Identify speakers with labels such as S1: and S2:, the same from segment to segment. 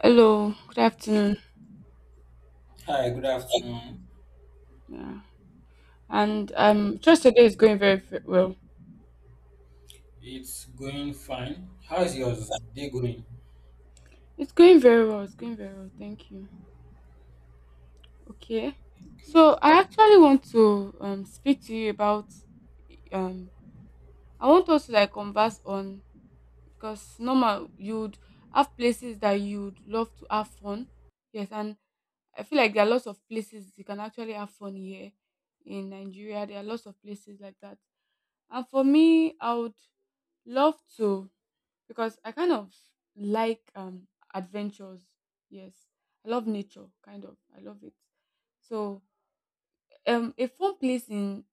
S1: Hello, good afternoon.
S2: Hi, good afternoon.
S1: Yeah, and trust today is going very, very well.
S2: It's going fine. How is yours day going?
S1: It's going very well. It's going very well. Thank you. Okay,
S2: Okay.
S1: so I actually want to speak to you about um I want us to like converse on because normal you'd have places that you'd love to have fun. Yes, and I feel like there are lots of places you can actually have fun here in Nigeria. There are lots of places like that. And for me, I would love to because I kind of like adventures. Yes, I love nature, kind of. I love it. So, a fun place in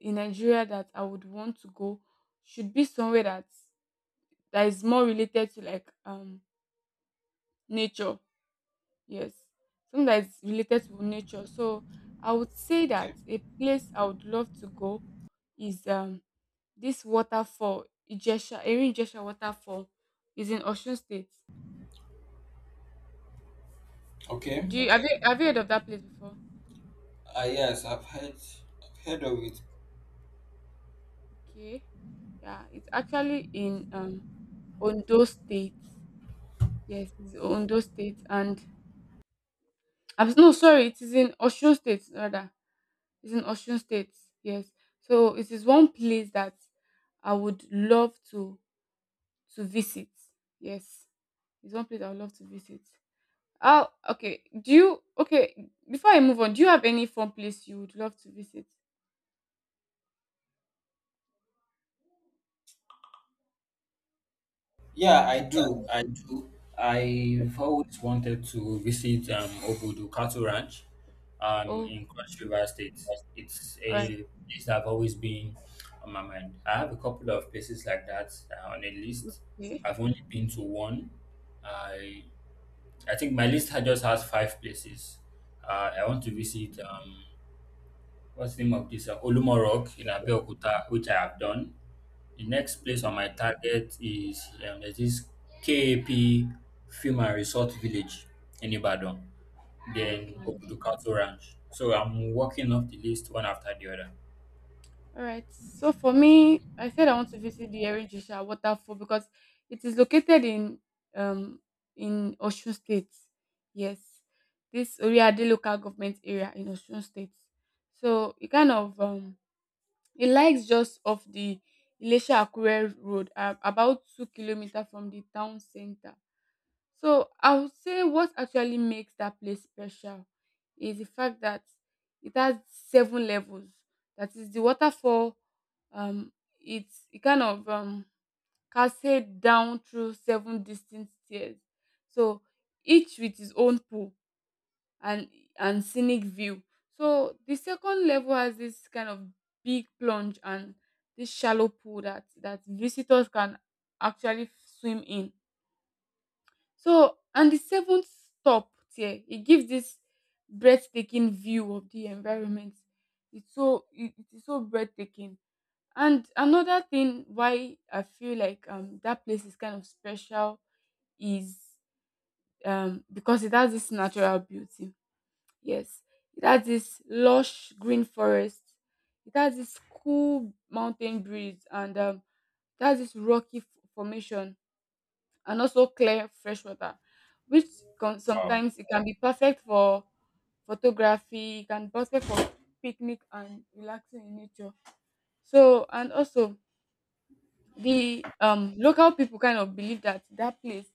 S1: Nigeria that I would want to go should be somewhere that is more related to like nature. Yes, something that is related to nature. So, I would say
S2: Okay.
S1: that a place I would love to go is this waterfall Ijesha, Erin Ijesha waterfall is in Osun State.
S2: Okay.
S1: Do you have you have You heard of that place before?
S2: Yes, I've heard of it.
S1: Okay. Yeah, it's actually in Ondo State. Yes, it's Ondo State and I'm no sorry, it is in Osun State rather. It's in Osun State. Yes. So it is one place that I would love to visit. Yes. It's one place I would love to visit. Oh, okay. Do you okay, before I move on, do you have any fun place you would love to visit?
S2: Yeah, I do. I do. I've always wanted to visit Obudu Cattle Ranch
S1: Oh,
S2: in Cross River State. It's a
S1: all right.
S2: place that I've always been on my mind. I have a couple of places like that on a list.
S1: Okay.
S2: I've only been to one. I I think my list just has five places. I want to
S1: Mm.
S2: visit, what's the name of this? Olumorok in Abeokuta, which I have done. The next place on my target is there's this KAP Film and Resort Village in Ibadan, then
S1: Okay.
S2: Obudu Cattle Ranch. So I'm working off the list one after the other.
S1: All right. So for me, I said I want to visit the Erijisha waterfall because it is located um in Osun State. Yes, this Oriade local government area in Osun State. So it kind of it lies just off the Ilesha Akure road, about 2 kilometers from the town center. So I would say what actually makes that place special is the fact that it has seven levels. That is the waterfall. Um, it kind of cascade down through seven distinct tiers. So each with its own pool and and scenic view. So the second level has this kind of big plunge and this shallow pool that visitors can actually swim in. So and the seventh stop here, it gives this breathtaking view of the environment. It's so it is so breathtaking. And another thing why I feel like that place is kind of special is because it has this natural beauty. Yes, it has this lush green forest. It has this cool mountain breeze, and it has this rocky formation and also clear fresh water, which can,
S2: Wow.
S1: sometimes it can be perfect for photography, it can be perfect for picnic and relaxing in nature. So and also the local people kind of believe that that place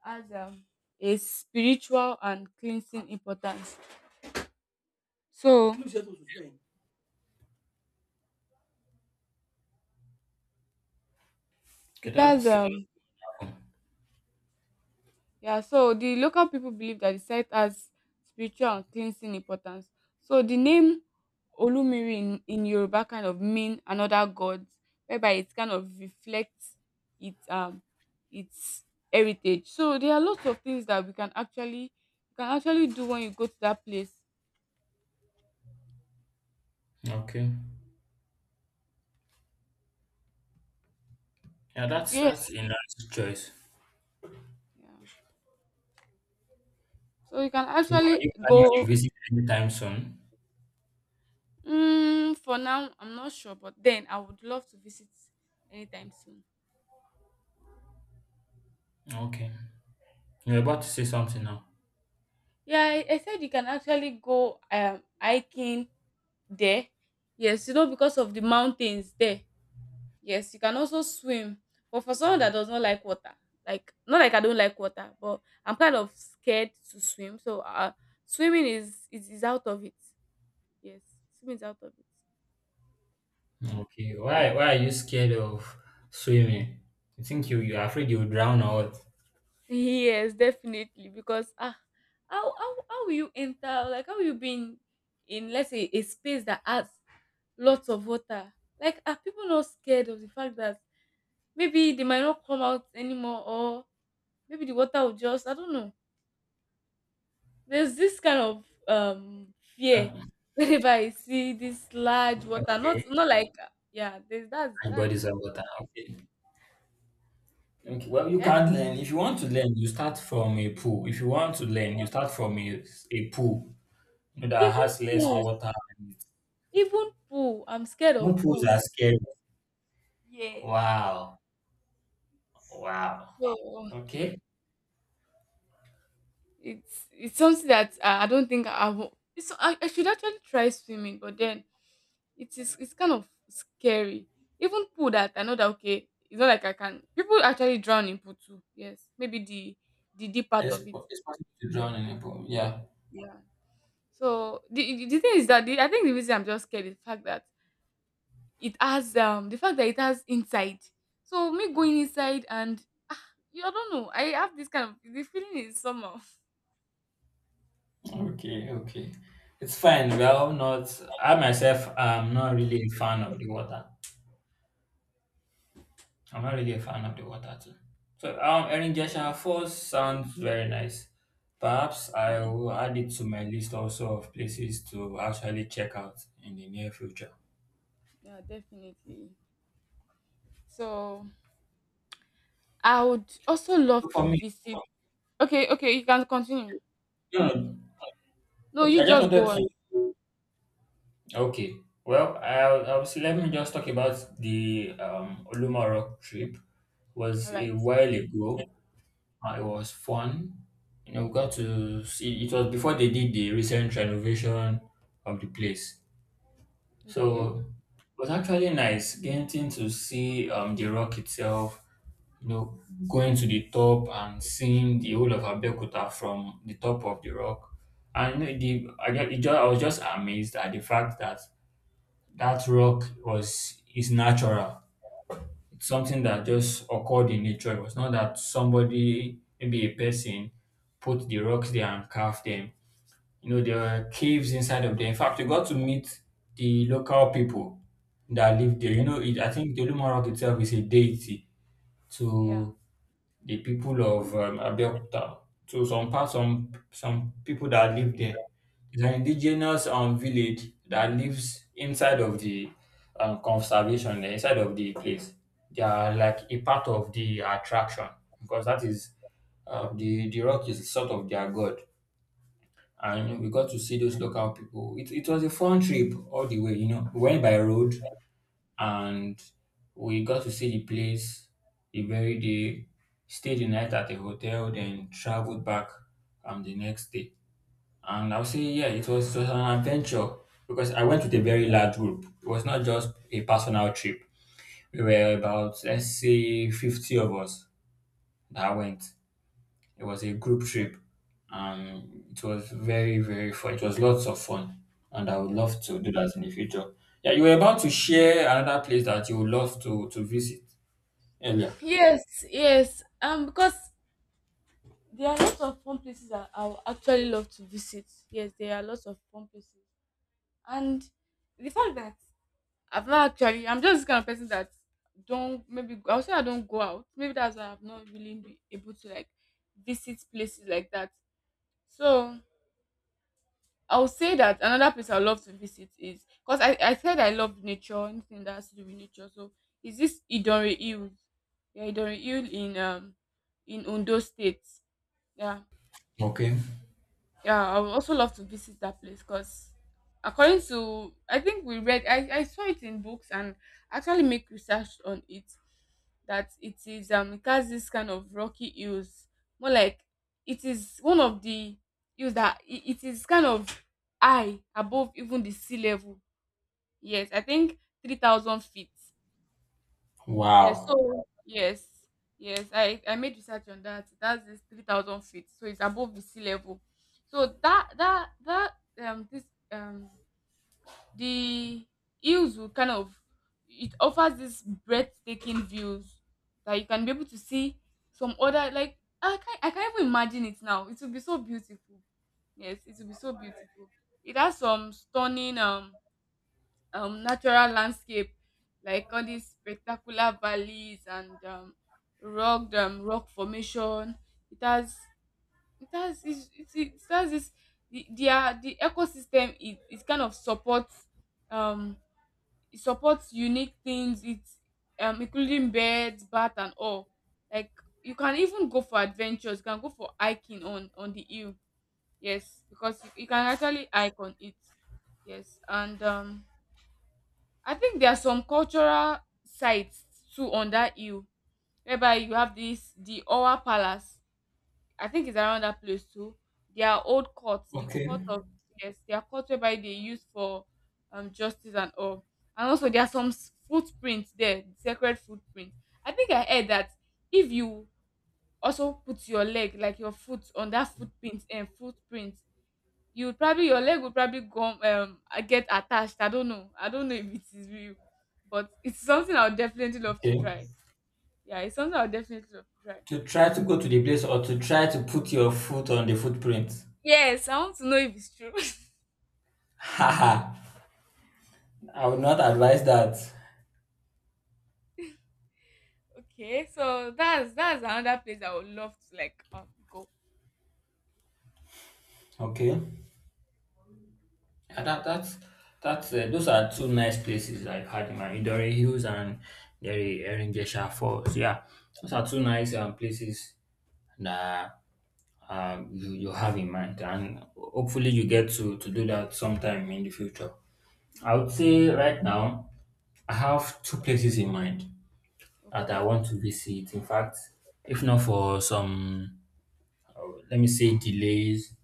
S1: has a spiritual and cleansing importance. So it
S2: Okay,
S1: has
S2: that's
S1: yeah, so the local people believe that the site has spiritual and cleansing importance. So the name Olumiri in Yoruba kind of mean another god, whereby it kind of reflects its um its heritage. So there are lots of things that we can actually you can actually do when you go to that place.
S2: okay. Yeah,
S1: So yes,
S2: that's a nice choice.
S1: yeah. So you can
S2: So are
S1: actually
S2: you planning
S1: go.
S2: to visit anytime soon?
S1: Mm, for now, I'm not sure, but then I would love to visit anytime soon.
S2: Okay. You're about to say something now.
S1: Yeah, I said you can actually go hiking there. Yes, because of the mountains there. Yes, you can also swim. But for someone that does not like water, like not like I don't like water, but I'm kind of scared to swim. So swimming is out of it. Yes, swimming is out of it.
S2: Okay, why are you scared of swimming? You think you're afraid you'll drown or what?
S1: Yes, definitely. Because how will you enter, like how will you be in let's say a space that has lots of water? Like are people not scared of the fact that maybe they might not come out anymore, or maybe the water will just I don't know, there's this kind of fear
S2: Uh,
S1: whenever I see this large water, not
S2: okay,
S1: not like yeah there's that's
S2: my
S1: that is
S2: body's underwater.
S1: the-
S2: Okay. Okay. Well, you
S1: eh?
S2: can't learn. If you want to learn, you start from a pool. If you want to learn, you start from a pool, you know, that
S1: even
S2: has less
S1: pool
S2: water. And
S1: even pool, I'm scared of
S2: even pools are
S1: pools.
S2: scary.
S1: Yes,
S2: Wow. Wow.
S1: so
S2: Okay.
S1: it's something that I don't think I should actually try swimming, but then it's kind of scary. Even pool that I know that okay, it's not like I can. People actually drown in pool too. Yes, maybe the deep part of it.
S2: It's possible to drown in a pool. Yeah.
S1: Yeah. So the thing is that I think the reason I'm just scared is the fact that it has inside. So me going inside and ah, you i don't know. I have this kind of the feeling is somehow.
S2: Okay. Okay. It's fine. We are all not. I myself, I'm not really a fan of the water. I'm not really a fan of the water too. So Erin Jeshua
S1: No.
S2: Falls sounds very nice. Perhaps I
S1: No.
S2: will add it to my list also of places to actually check out in the near future.
S1: Yeah, definitely. So I would also
S2: So
S1: love
S2: for
S1: to
S2: me,
S1: visit. Okay, okay, you can continue.
S2: no, no,
S1: No,
S2: okay,
S1: you
S2: I just
S1: just
S2: wanted
S1: go on.
S2: to. Okay, well, I'll see, let me just talk about the Olumaro trip.
S1: All
S2: Was a
S1: right.
S2: while ago. It was fun. You know, we got to see. It was before they did the recent renovation of the place.
S1: Okay.
S2: So it was actually nice getting to see the rock itself, you know, going to the top and seeing the whole of Abeokuta from the top of the rock. And you know, the I, ju- it ju- I was just amazed at the fact that that rock was is natural. It's something that just occurred in nature. It was not that somebody, maybe a person, put the rocks there and carved them, you know, there were caves inside of there. In fact, we got to meet the local people that live there. You know, it, I think the Olumora Rock itself is a deity
S1: Yeah,
S2: to the people of Abeokuta. To some parts, some people that live there. It's an indigenous village that lives inside of the conservation, eh, inside of the place. They are like a part of the attraction because that is the rock is sort of their god, and we got to see those local people. It was a fun trip all the way, you know. We went by road and we got to see the place the very day, stayed the night at the hotel, then traveled back the next day. And I'll say, yeah, it was an adventure because I went with a very large group. It was not just a personal trip. We were about, let's say, 50 of us that went. It was a group trip, and it was very fun. It was lots of fun, and I would
S1: yeah.
S2: love to do that in the future. Yeah, you were about to share another place that you would love to visit earlier.
S1: Yes, yes. Because there are lots of fun places that I would actually love to visit. Yes, there are lots of fun places, and the fact that I've not actually, I'm just this kind of person that don't maybe I'll say I don't go out. Maybe that's why I've not really been able to like visit places like that. So I'll say that another place I love to visit is because I said I love nature, anything that has to do with nature. So is this Idonre Hills? Yeah, Idonre Hill in Ondo State. Yeah.
S2: Okay.
S1: Yeah, I would also love to visit that place because, according to I think we read, I saw it in books and actually make research on it that it is it has this kind of rocky hills, more like it is one of the hills it is kind of high above even the sea level. Yes, I think 3,000 feet. Yes,
S2: Wow.
S1: so yes, yes, I made research on that. That's this 3,000 feet, so it's above the sea level. So that that that this um the hills will kind of it offers this breathtaking views that you can be able to see some other, like I can't even imagine it now. It will be so beautiful. Yes, it will be so beautiful. It has some stunning natural landscape, like all these spectacular valleys and rock rock formation. It has it has this the ecosystem. It kind of um supports unique things. It's including birds, bat, and all. Like you can even go for adventures. You can go for hiking on the hill. Yes, because you can actually hike on it. Yes, and I think there are some cultural sites too on that hill whereby you have this the Owa Palace. I think it's around that place too. Their old court, the
S2: Okay.
S1: court of, yes, their court whereby they use for justice and all. And also there are some footprints there, sacred footprints. I think I heard that if you also put your leg, like your foot, on that footprint and footprint, your leg will probably go get attached. I don't know. I don't know if it is real, but it's something I would definitely love to
S2: Okay.
S1: try. Yeah, it's something I would definitely love to try.
S2: To try to go to the place or to try to put your foot on the footprint?
S1: Yes, I want to know if it's true.
S2: Haha. I would not advise that.
S1: Okay, so that's another place I would love to like go.
S2: Okay. Yeah,
S1: Yeah,
S2: that's those are two nice places I've had in my Idori Hills and Eringesha Falls. So, yeah, those are two nice places that you have in mind, and hopefully you get to do that sometime in the future.
S1: yeah,
S2: I would say
S1: definitely.
S2: right now I have two places in mind that I
S1: Okay.
S2: want to visit. In fact, if not for some, let me say, delays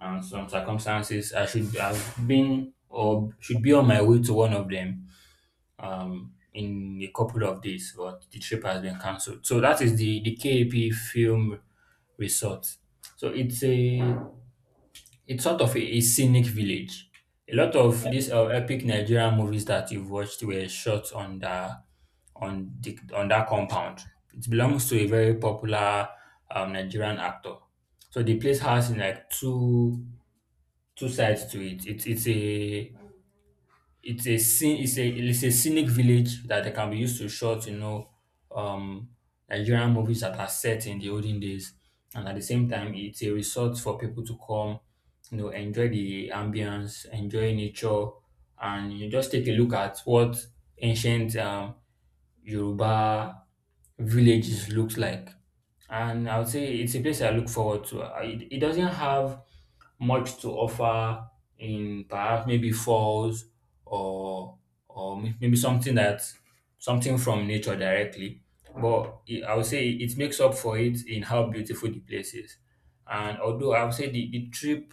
S2: and some circumstances, I should have been or should be on my way to one of them in a couple of days, but the trip has been cancelled. So that is the KAP Film Resort. So it's sort of a scenic village. A lot of
S1: Yeah.
S2: these epic Nigerian movies that you've watched were shot on the on the on that compound. It belongs to a very popular Nigerian actor. So the place has like two sides to it. It's a scene it's a It's a scenic village that they can be used to short, you know, um Nigerian movies that are set in the olden days, and at the same time it's a resort for people to come, you know, enjoy the ambience, enjoy nature, and you just take a look at what ancient Yoruba villages looks like. And I would say it's a place I look forward to. It doesn't have much to offer in perhaps maybe falls or maybe something that, something from nature directly. But I would say it makes up for it in how beautiful the place is. And although I would say the trip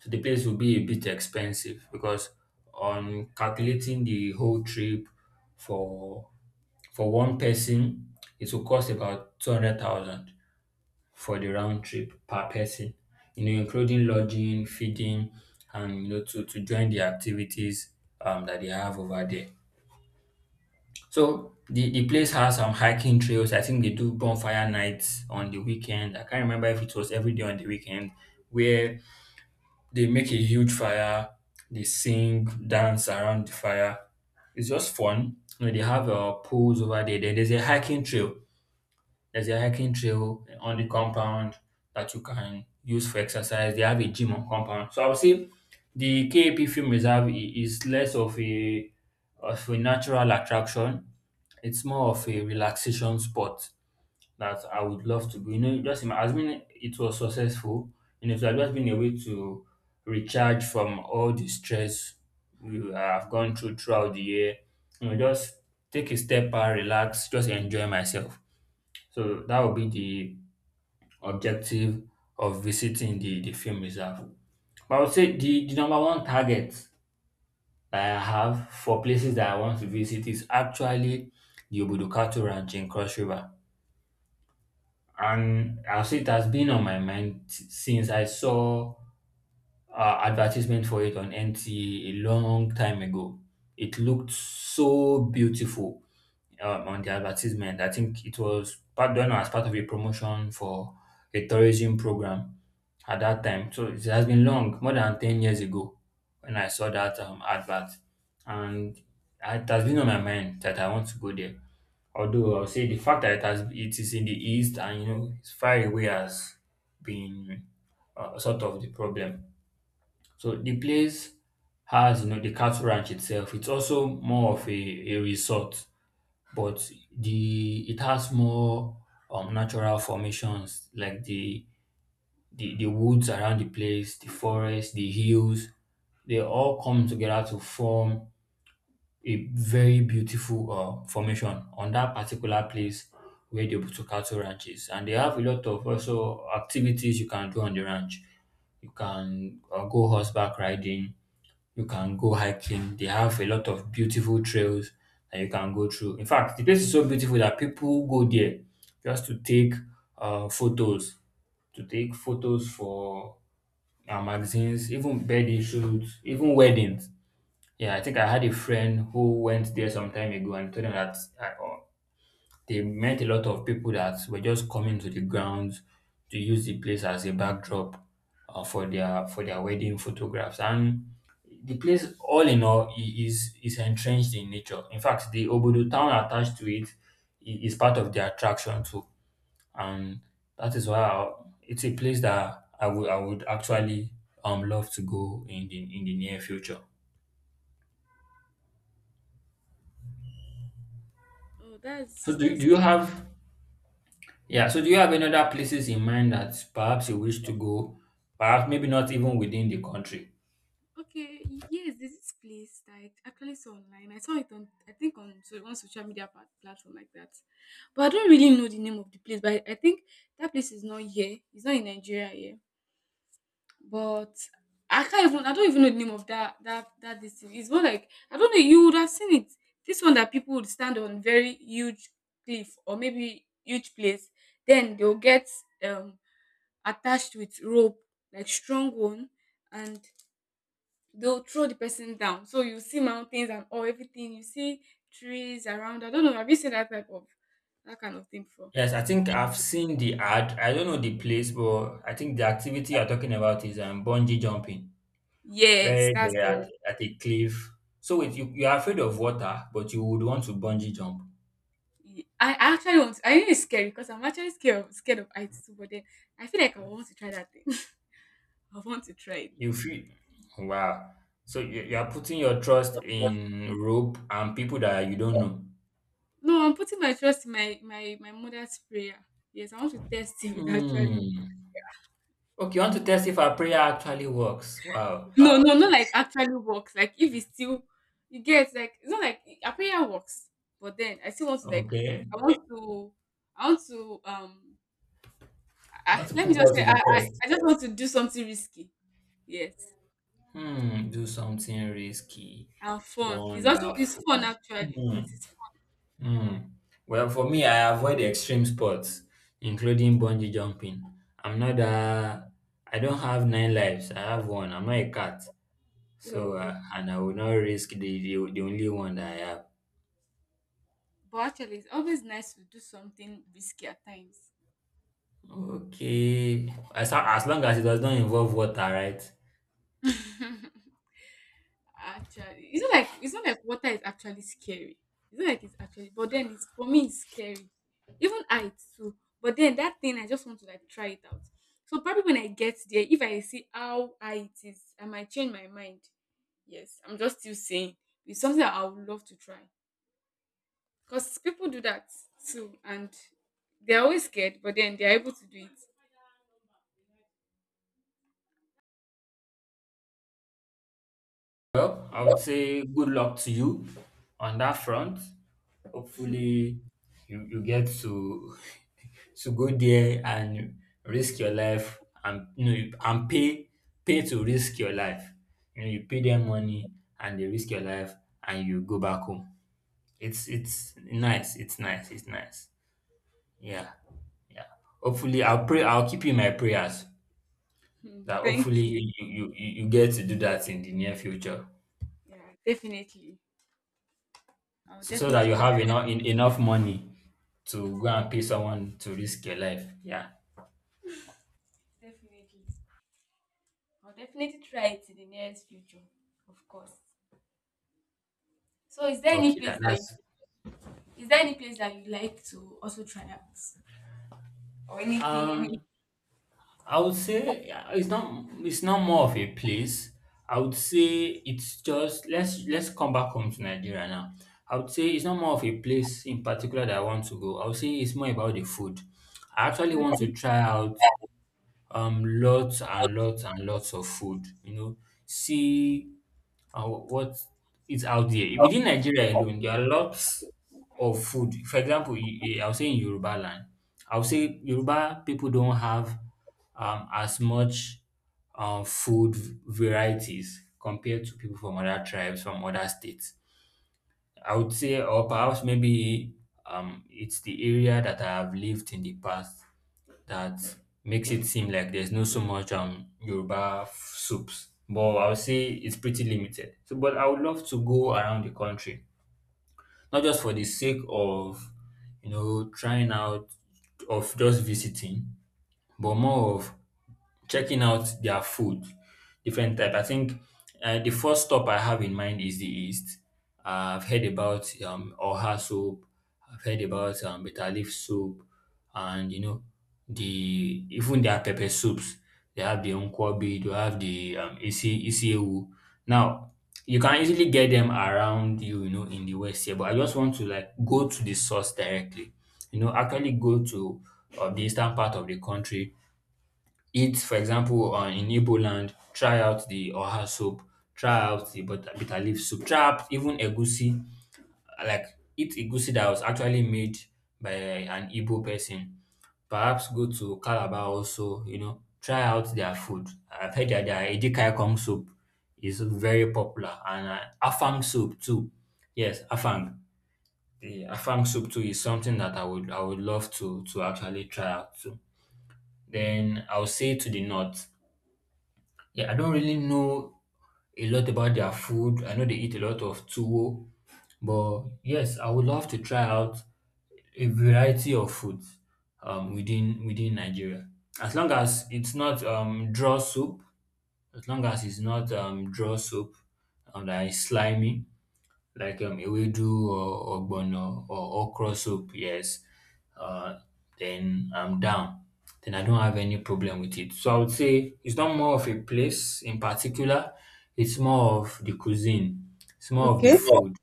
S2: to the place will be a bit expensive because on calculating the whole trip for one person, it will cost about 200,000 for the round trip per person, you know, including lodging, feeding, and you know, to join the activities that they have over there. So the place has some hiking trails. I think they do bonfire nights on the weekend. I can't remember if it was every day on the weekend where they make a huge fire, they sing, dance around the fire. It's just fun. You know, they have pools over there. Then there's a hiking trail on the compound that you can use for exercise. They have a gym on compound. So I would say the KAP Film Reserve is less of a, of a natural attraction. It's more of a
S1: Okay.
S2: relaxation spot that I would love to go. You know, just assuming it was successful, and it had just been a way to recharge from all the stress we have gone through throughout the year. You know, just take a step back, relax, just enjoy myself. So that would be the objective of visiting the film reserve. But I would say the number one target that I have for places that I want to visit is actually the Obudukatu Ranch in Cross River. And I'll say it has been on my mind since I saw advertisement for it on NTA a long time ago. It looked so beautiful on the advertisement. I think it was part done as part of a promotion for a tourism program at that time. So it has been long, more than 10 years ago, when I saw that advert. And it has been on my mind that I want to go there. Although I'll say the fact that it is in the east and you know it's far away has been sort of the problem. So the place has, you know, the cattle ranch itself. It's also more of a resort, but the it has more natural formations like the woods around the place, the forest, the hills, they all come together to form a very beautiful formation on that particular place where the Obutukato Ranch is. And they have a lot of also activities you can do on the ranch. You can go horseback riding, you can go hiking. They have a lot of beautiful trails that you can go through. In fact, the place is so beautiful that people go there just to take photos, to take photos for magazines, even birthday shoots, even weddings. Yeah, I think I had a friend who went there some time ago and told them that they met a lot of people that were just coming to the grounds to use the place as a backdrop uh, for their wedding photographs. And the place, all in all, is entrenched in nature. In fact, the Obodo town attached to it is part of the attraction too, and that is why it's a place that I would actually love to go in the near future.
S1: Oh, that's
S2: So
S1: that's
S2: do you
S1: nice.
S2: have, yeah, so do you have any other places in mind that perhaps you wish to go? Perhaps maybe not even within the country.
S1: Okay, yes, there's this place that I actually saw online. I saw it on, I think, on on social media platform like that. But I don't really know the name of the place. But I think that place is not here. It's not in Nigeria here. But I can't even. I don't even know the name of that that that this thing. It's more like I don't know. You would have seen it. This one that people would stand on very huge cliff, or maybe huge place. Then they'll get um attached with rope, like strong one, and they'll throw the person down. So you see mountains and all everything. You see trees around. I don't know. Have you seen that kind of thing before?
S2: Yes, I think I've seen the ad. I don't know the place, but I think the activity you're talking about is bungee jumping,
S1: Yes,
S2: where
S1: that's
S2: they're
S1: the one.
S2: at a cliff. So you're afraid of water, but you would want to bungee jump.
S1: I actually want. To, I think it's scary because I'm actually scared of heights too. But then I feel like I want to try that thing. I want to try it.
S2: You feel wow. So you are putting your trust in rope and people that you don't know.
S1: No, I'm putting my trust in my mother's prayer. Yes, I want to test it actually.
S2: Hmm. Okay, you want to test if our prayer actually works. Wow.
S1: No, no, not like actually works. Like if it's still, you get like it's not like a prayer works, but then I still want to like
S2: Okay.
S1: I
S2: You
S1: want to I want to I-
S2: want to
S1: let me
S2: put
S1: just
S2: God
S1: say,
S2: to the
S1: I, I
S2: test.
S1: I just want to do something risky. Yes,
S2: Hmm. Do something risky.
S1: and fun. It's fun
S2: Wonderful.
S1: actually.
S2: Hmm.
S1: It
S2: Hmm. Well, for me, I avoid extreme sports, including bungee jumping. I'm not a. I don't have nine lives. I have one. I'm not a cat.
S1: is fun.
S2: So, and I will not risk the only one that I have.
S1: But actually, it's always nice to do something risky at times.
S2: Okay, as long as it does not involve water, right?
S1: Actually, it's not like water is actually scary. It's not like it's actually, but then it's, for me it's scary. Even heights too. But then that thing I just want to like try it out. So probably when I get there, if I see how high it is, I might change my mind. Yes, I'm just still saying it's something that I would love to try because people do that too, and they're always scared, but then they're able to do it.
S2: Well, I would say good luck to you on that front. Hopefully, you get to to go there and risk your life, and and pay to risk your life. You know, you pay them money and they risk your life and you go back home. It's nice. It's nice. It's nice. Yeah. Yeah. Hopefully, I'll pray. I'll keep you in my prayers
S1: Hmm.
S2: that
S1: Thank
S2: hopefully
S1: you.
S2: you get to do that in the near future,
S1: Yeah, definitely. I'll
S2: so that
S1: definitely do
S2: you have
S1: that.
S2: enough money to go and pay someone to risk your life. Yeah.
S1: Definitely. I'll definitely try it in the nearest future, of course. So
S2: Okay. That, that's.
S1: is there any place that you'd like to also try out? Or anything, any.
S2: Um. I would say yeah, it's not more of a place. I would say it's just let's come back home to Nigeria now. I would say it's not more of a place in particular that I want to go. I would say it's more about the food. I actually want to try out lots and lots and lots of food. See what is out there within Nigeria alone. There are lots of food. For example, I'll say in Yoruba land, I'll say Yoruba people don't have as much food varieties compared to people from other tribes, from other states. I would say, or perhaps maybe, it's the area that I have lived in the past that makes it seem like there's no so much Yoruba soups, but I would say it's pretty limited. So, but I would love to go around the country, not just for the sake of, trying out, of just visiting, but more of checking out their food, different type. I think the first stop I have in mind is the East. I've heard about Oha soup. I've heard about bitter leaf soup, and you know the even their pepper soups. They have the nkwobi. They have the isi isi. Now you can easily get them around you, you know, in the West here. But I just want to like go to the source directly. You know, actually go to the eastern part of the country, eat, for example, in Igbo land, try out the oha soup, try out the bitter leaf soup, try out even egusi, like eat egusi that was actually made by an Igbo person. Perhaps go to Calabar also, you know, try out their food. I've heard that their Edikai Kong soup is very popular, and Afang soup too. Yes, Afang. The Afang soup too is something that I would love to actually try out too. Then I'll say to the north. Yeah, I don't really know a lot about their food. I know they eat a lot of tuwo, but yes, I would love to try out a variety of foods, within Nigeria. As long as it's not draw soup, as long as it's not draw soup, and that is slimy, like ewedu or ogbono or okra soup. Yes, uh, then I'm down. Then I don't have any problem with it. So I would say it's not more of a place in particular. It's more of the cuisine. It's more of the
S1: Okay.
S2: food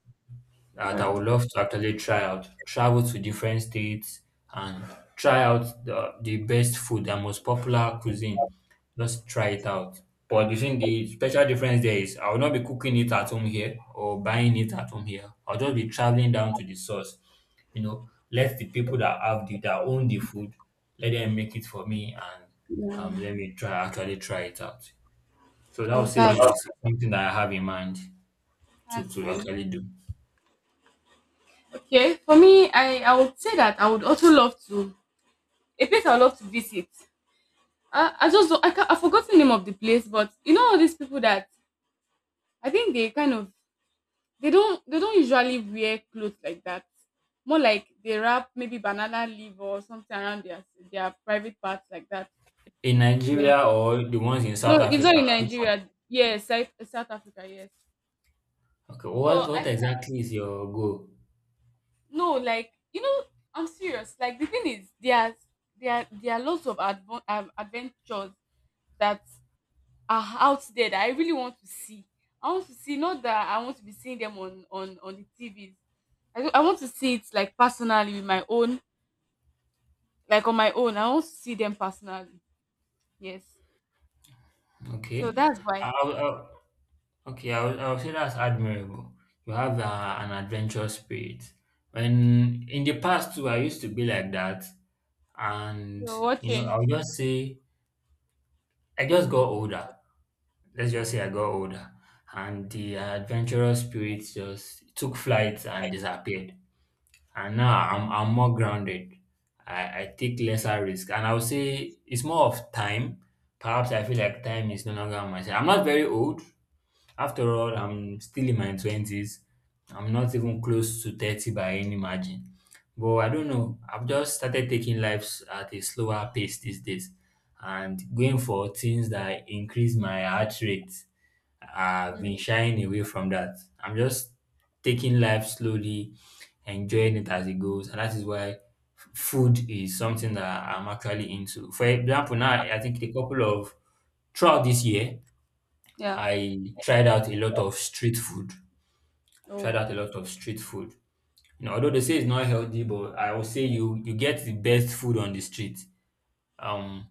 S1: All
S2: that I
S1: right.
S2: would love to actually try out, travel to different states and try out the best food and most popular cuisine. Just try it out. But the thing, the special difference there is I will not be cooking it at home here or buying it at home here. I'll just be traveling down to the source. You know, let the people that have the that own the food, let them make it for me and let me try actually try it out. So that would
S1: Oh,
S2: say
S1: that's
S2: is something that I have in mind to,
S1: that's
S2: to
S1: mine.
S2: actually do.
S1: Okay. For me, I would say that I would also love to a place I would love to visit. I just don't- I can I forgot the name of the place, but you know all these people that I think they kind of they don't usually wear clothes like that. More like they wrap maybe banana leaf or something around their private parts like that.
S2: In
S1: Well,
S2: Nigeria or the ones in
S1: no,
S2: South
S1: it's not in
S2: Africa? Which one?
S1: Nigeria. Yes, South Africa. Yes.
S2: Okay.
S1: So
S2: What
S1: I
S2: exactly is your goal?
S1: no, like, I'm serious. Like the thing is there are lots of adventures that are out there that I really want to see. I want to see, not that I want to be seeing them on the TVs. I want to see it like personally with my own, like on my own. I want to see them personally. Yes. So
S2: Okay.
S1: that's
S2: I,
S1: why.
S2: I, I- okay. I will say that's admirable. You have an adventurous spirit. When in the past too, I used to be like that, and
S1: So what
S2: I'll
S1: changed?
S2: just say I just got older. Let's just
S1: Oh,
S2: say I got older, and the adventurous spirit just took flight and disappeared. And now
S1: oh,
S2: I'm more grounded. I take lesser risk. And I would say it's more of time. Perhaps I feel like time is no longer on my side. I'm not very old. After all, I'm still in my twenties. I'm not even close to 30 by any margin. But I don't know. I've just started taking lives at a slower pace these days, and going for things that increase my heart rate, I've been
S1: mm,
S2: shying away from that. I'm just taking life slowly, enjoying it as it goes, and that is why food is something that I'm actually into. For example, now I think a couple of throughout this year,
S1: yeah.
S2: I tried out a lot of street food.
S1: Oh,
S2: Tried out a lot of street food. You know, although they say it's not healthy, but I would say you get the best food on the street. Um,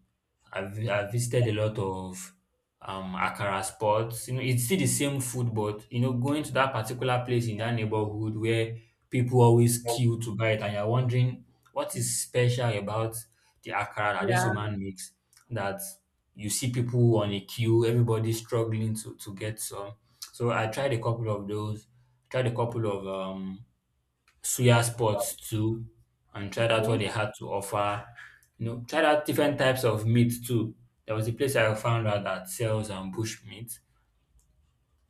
S2: I've visited a lot of Akara spots. You know, it's still the same food, but going to that particular place in that neighborhood where people always queue to buy it, and you're wondering what is special about the Akara that this
S1: yeah.
S2: woman makes, that you see people on a queue, everybody struggling to get some. So I tried a couple of those, tried a couple of suya sports too, and tried out
S1: Okay.
S2: what they had to offer. You know, tried out different types of meat too. There was a place I found out that sells bush meat,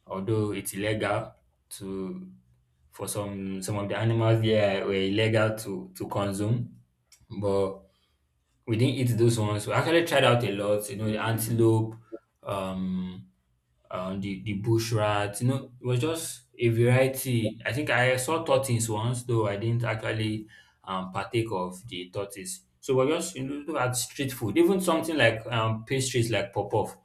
S2: although it's illegal to for some of the animals there were illegal to consume. But we didn't eat those ones. We actually tried out a lot. You know, the antelope, um, the bush rats. You know, it was just a variety. I think I saw tortoise once, though I didn't actually partake of the tortoise. So we're just, look at street food, even something like pastries like pop-off.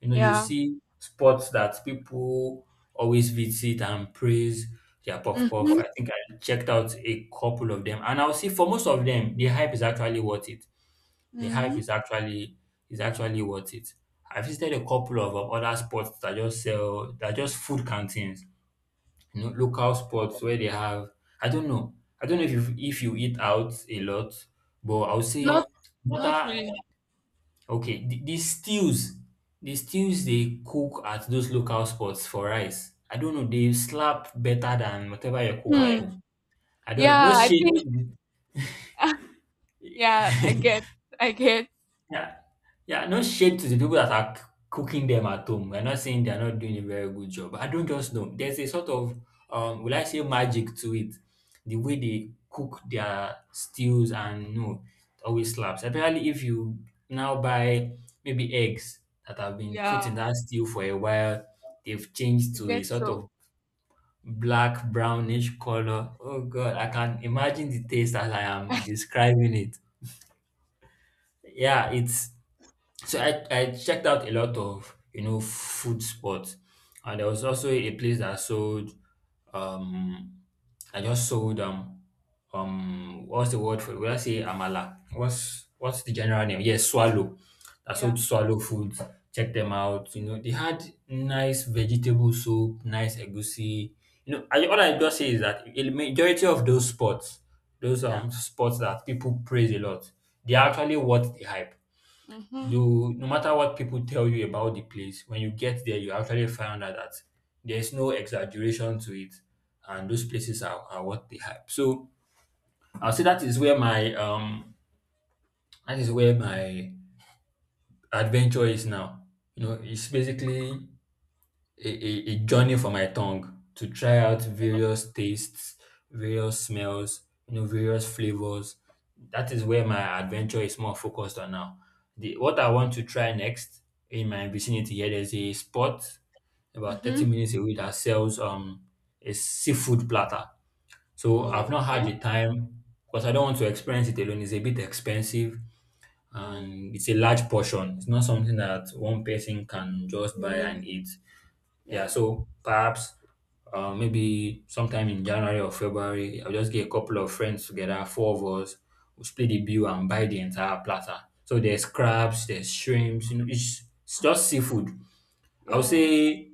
S2: You know, you
S1: Yeah.
S2: see spots that people always visit and praise their puff
S1: Mm-hmm.
S2: puff. I think I checked out a couple of them, and I'll see for most of them, the hype is actually worth it. The hype
S1: Hmm.
S2: is actually worth it. I visited a couple of other spots that just sell that are just food canteens, you know, local spots where they have, I don't know. I don't know if you eat out a lot, but I would say
S1: Not,
S2: what
S1: not
S2: are
S1: really.
S2: okay, the stews they cook at those local spots for rice. I don't know, they slap better than whatever you cook at
S1: Hmm.
S2: home. I don't know. No
S1: Yeah, I
S2: shade.
S1: think. Yeah, I get. I get.
S2: Yeah, yeah, no shade to the people that are cooking them at home. We're not saying they're not doing a very good job. I don't just know. There's a sort of, will I say, magic to it. The way they cook their stews, and no, it always slaps. Especially if you now buy maybe eggs that have been put
S1: Yeah,
S2: in that stew for a while, they've changed
S1: I
S2: to a
S1: get.
S2: sort
S1: So
S2: of black brownish color. Oh God, I can imagine the taste as I am describing it. Yeah, it's so I checked out a lot of, food spots, and there was also a place that sold um I just sold what's the word for it? Will I say amala? What's the general name? Yes, swallow. I sold
S1: yeah,
S2: swallow food. Check them out. You know they had nice vegetable soup, nice egusi. You know, all I just say is that a majority of those
S1: yeah.
S2: spots that people praise a lot, they are actually worth the hype
S1: Mhm.
S2: do. No matter what people tell you about the place, when you get there, you actually find out that there's no exaggeration to it, and those places are what they hype. So I'll say that is where my that is where my adventure is now. You know, it's basically a journey for my tongue to try out various tastes, various smells, various flavors. That is where my adventure is more focused on now. The what I want to try next, in my vicinity here, there's a spot about 30
S1: Mhm.
S2: minutes away that sells a seafood platter. So I've
S1: Oh,
S2: not had
S1: okay.
S2: the time because I don't want to experience it alone. It's a bit expensive
S1: Oh,
S2: and it's a large portion. It's not something that one person can just
S1: you
S2: buy
S1: alone.
S2: and eat. Yeah,
S1: Yeah.
S2: so perhaps maybe sometime in January or February, I'll just get a couple of friends together, four of us, we split the bill and buy the entire platter. So there's crabs, there's shrimps, you know, it's just seafood. I would
S1: Yeah.
S2: say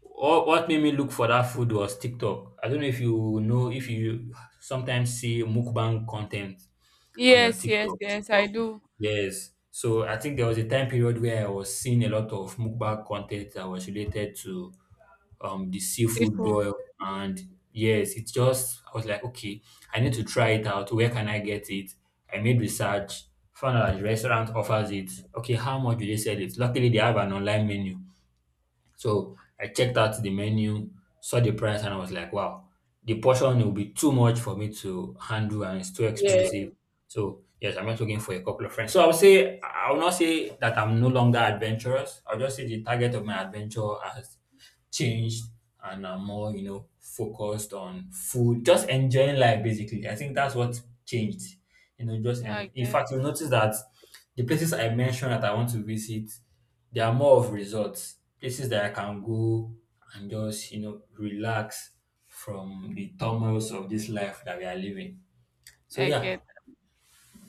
S2: what made me look for that food was TikTok. I don't know if you sometimes see mukbang content on your
S1: Yes. Yes.
S2: TikTok.
S1: Yes. I do.
S2: Yes. So I think there was a time period where I was seeing a lot of mukbang content that was related to the seafood
S1: Seafood.
S2: boil, and yes, it just I was like, okay, I need to try it out. Where can I get it? I made research, found out that the restaurant offers it. Okay, how much do they sell it? Luckily they have an online menu. So I checked out the menu, saw the price, and I was like, wow, the portion will be too much for me to handle and it's too
S1: Yeah.
S2: expensive. So, yes, I'm just looking for a couple of friends. So, I would say, I will not say that I'm no longer adventurous. I'll just say the target of my adventure has changed, and I'm more, focused on food, just enjoying life basically. I think that's what changed. You know, just
S1: Yeah.
S2: and
S1: I
S2: in
S1: get.
S2: fact, you'll notice that the places I mentioned that I want to visit, they are more of resorts, places that I can go and just, relax from the turmoils of this life that we are living. So
S1: I
S2: yeah.
S1: get.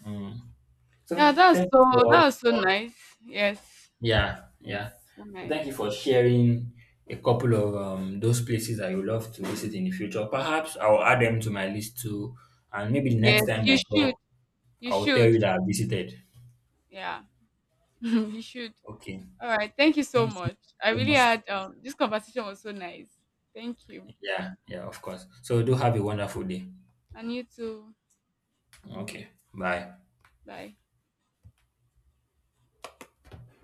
S2: Mm. So
S1: Yeah, that's
S2: thank
S1: so
S2: you for
S1: that's so nice. Yes,
S2: yeah, yeah.
S1: so
S2: So thank you
S1: nice.
S2: for sharing a couple of those places that you love to visit in the future. Perhaps I'll add them to my list too, and maybe the next
S1: Yes,
S2: time
S1: you
S2: we
S1: should.
S2: talk,
S1: You
S2: I'll tell
S1: should.
S2: you that I visited.
S1: Yeah, you should.
S2: Okay.
S1: All right. Thank you so
S2: Thank you
S1: much. I
S2: so
S1: really
S2: much.
S1: had This conversation was so nice. Thank you.
S2: Yeah, yeah, of course. So do have a wonderful day.
S1: And you too.
S2: Okay. Bye.
S1: Bye.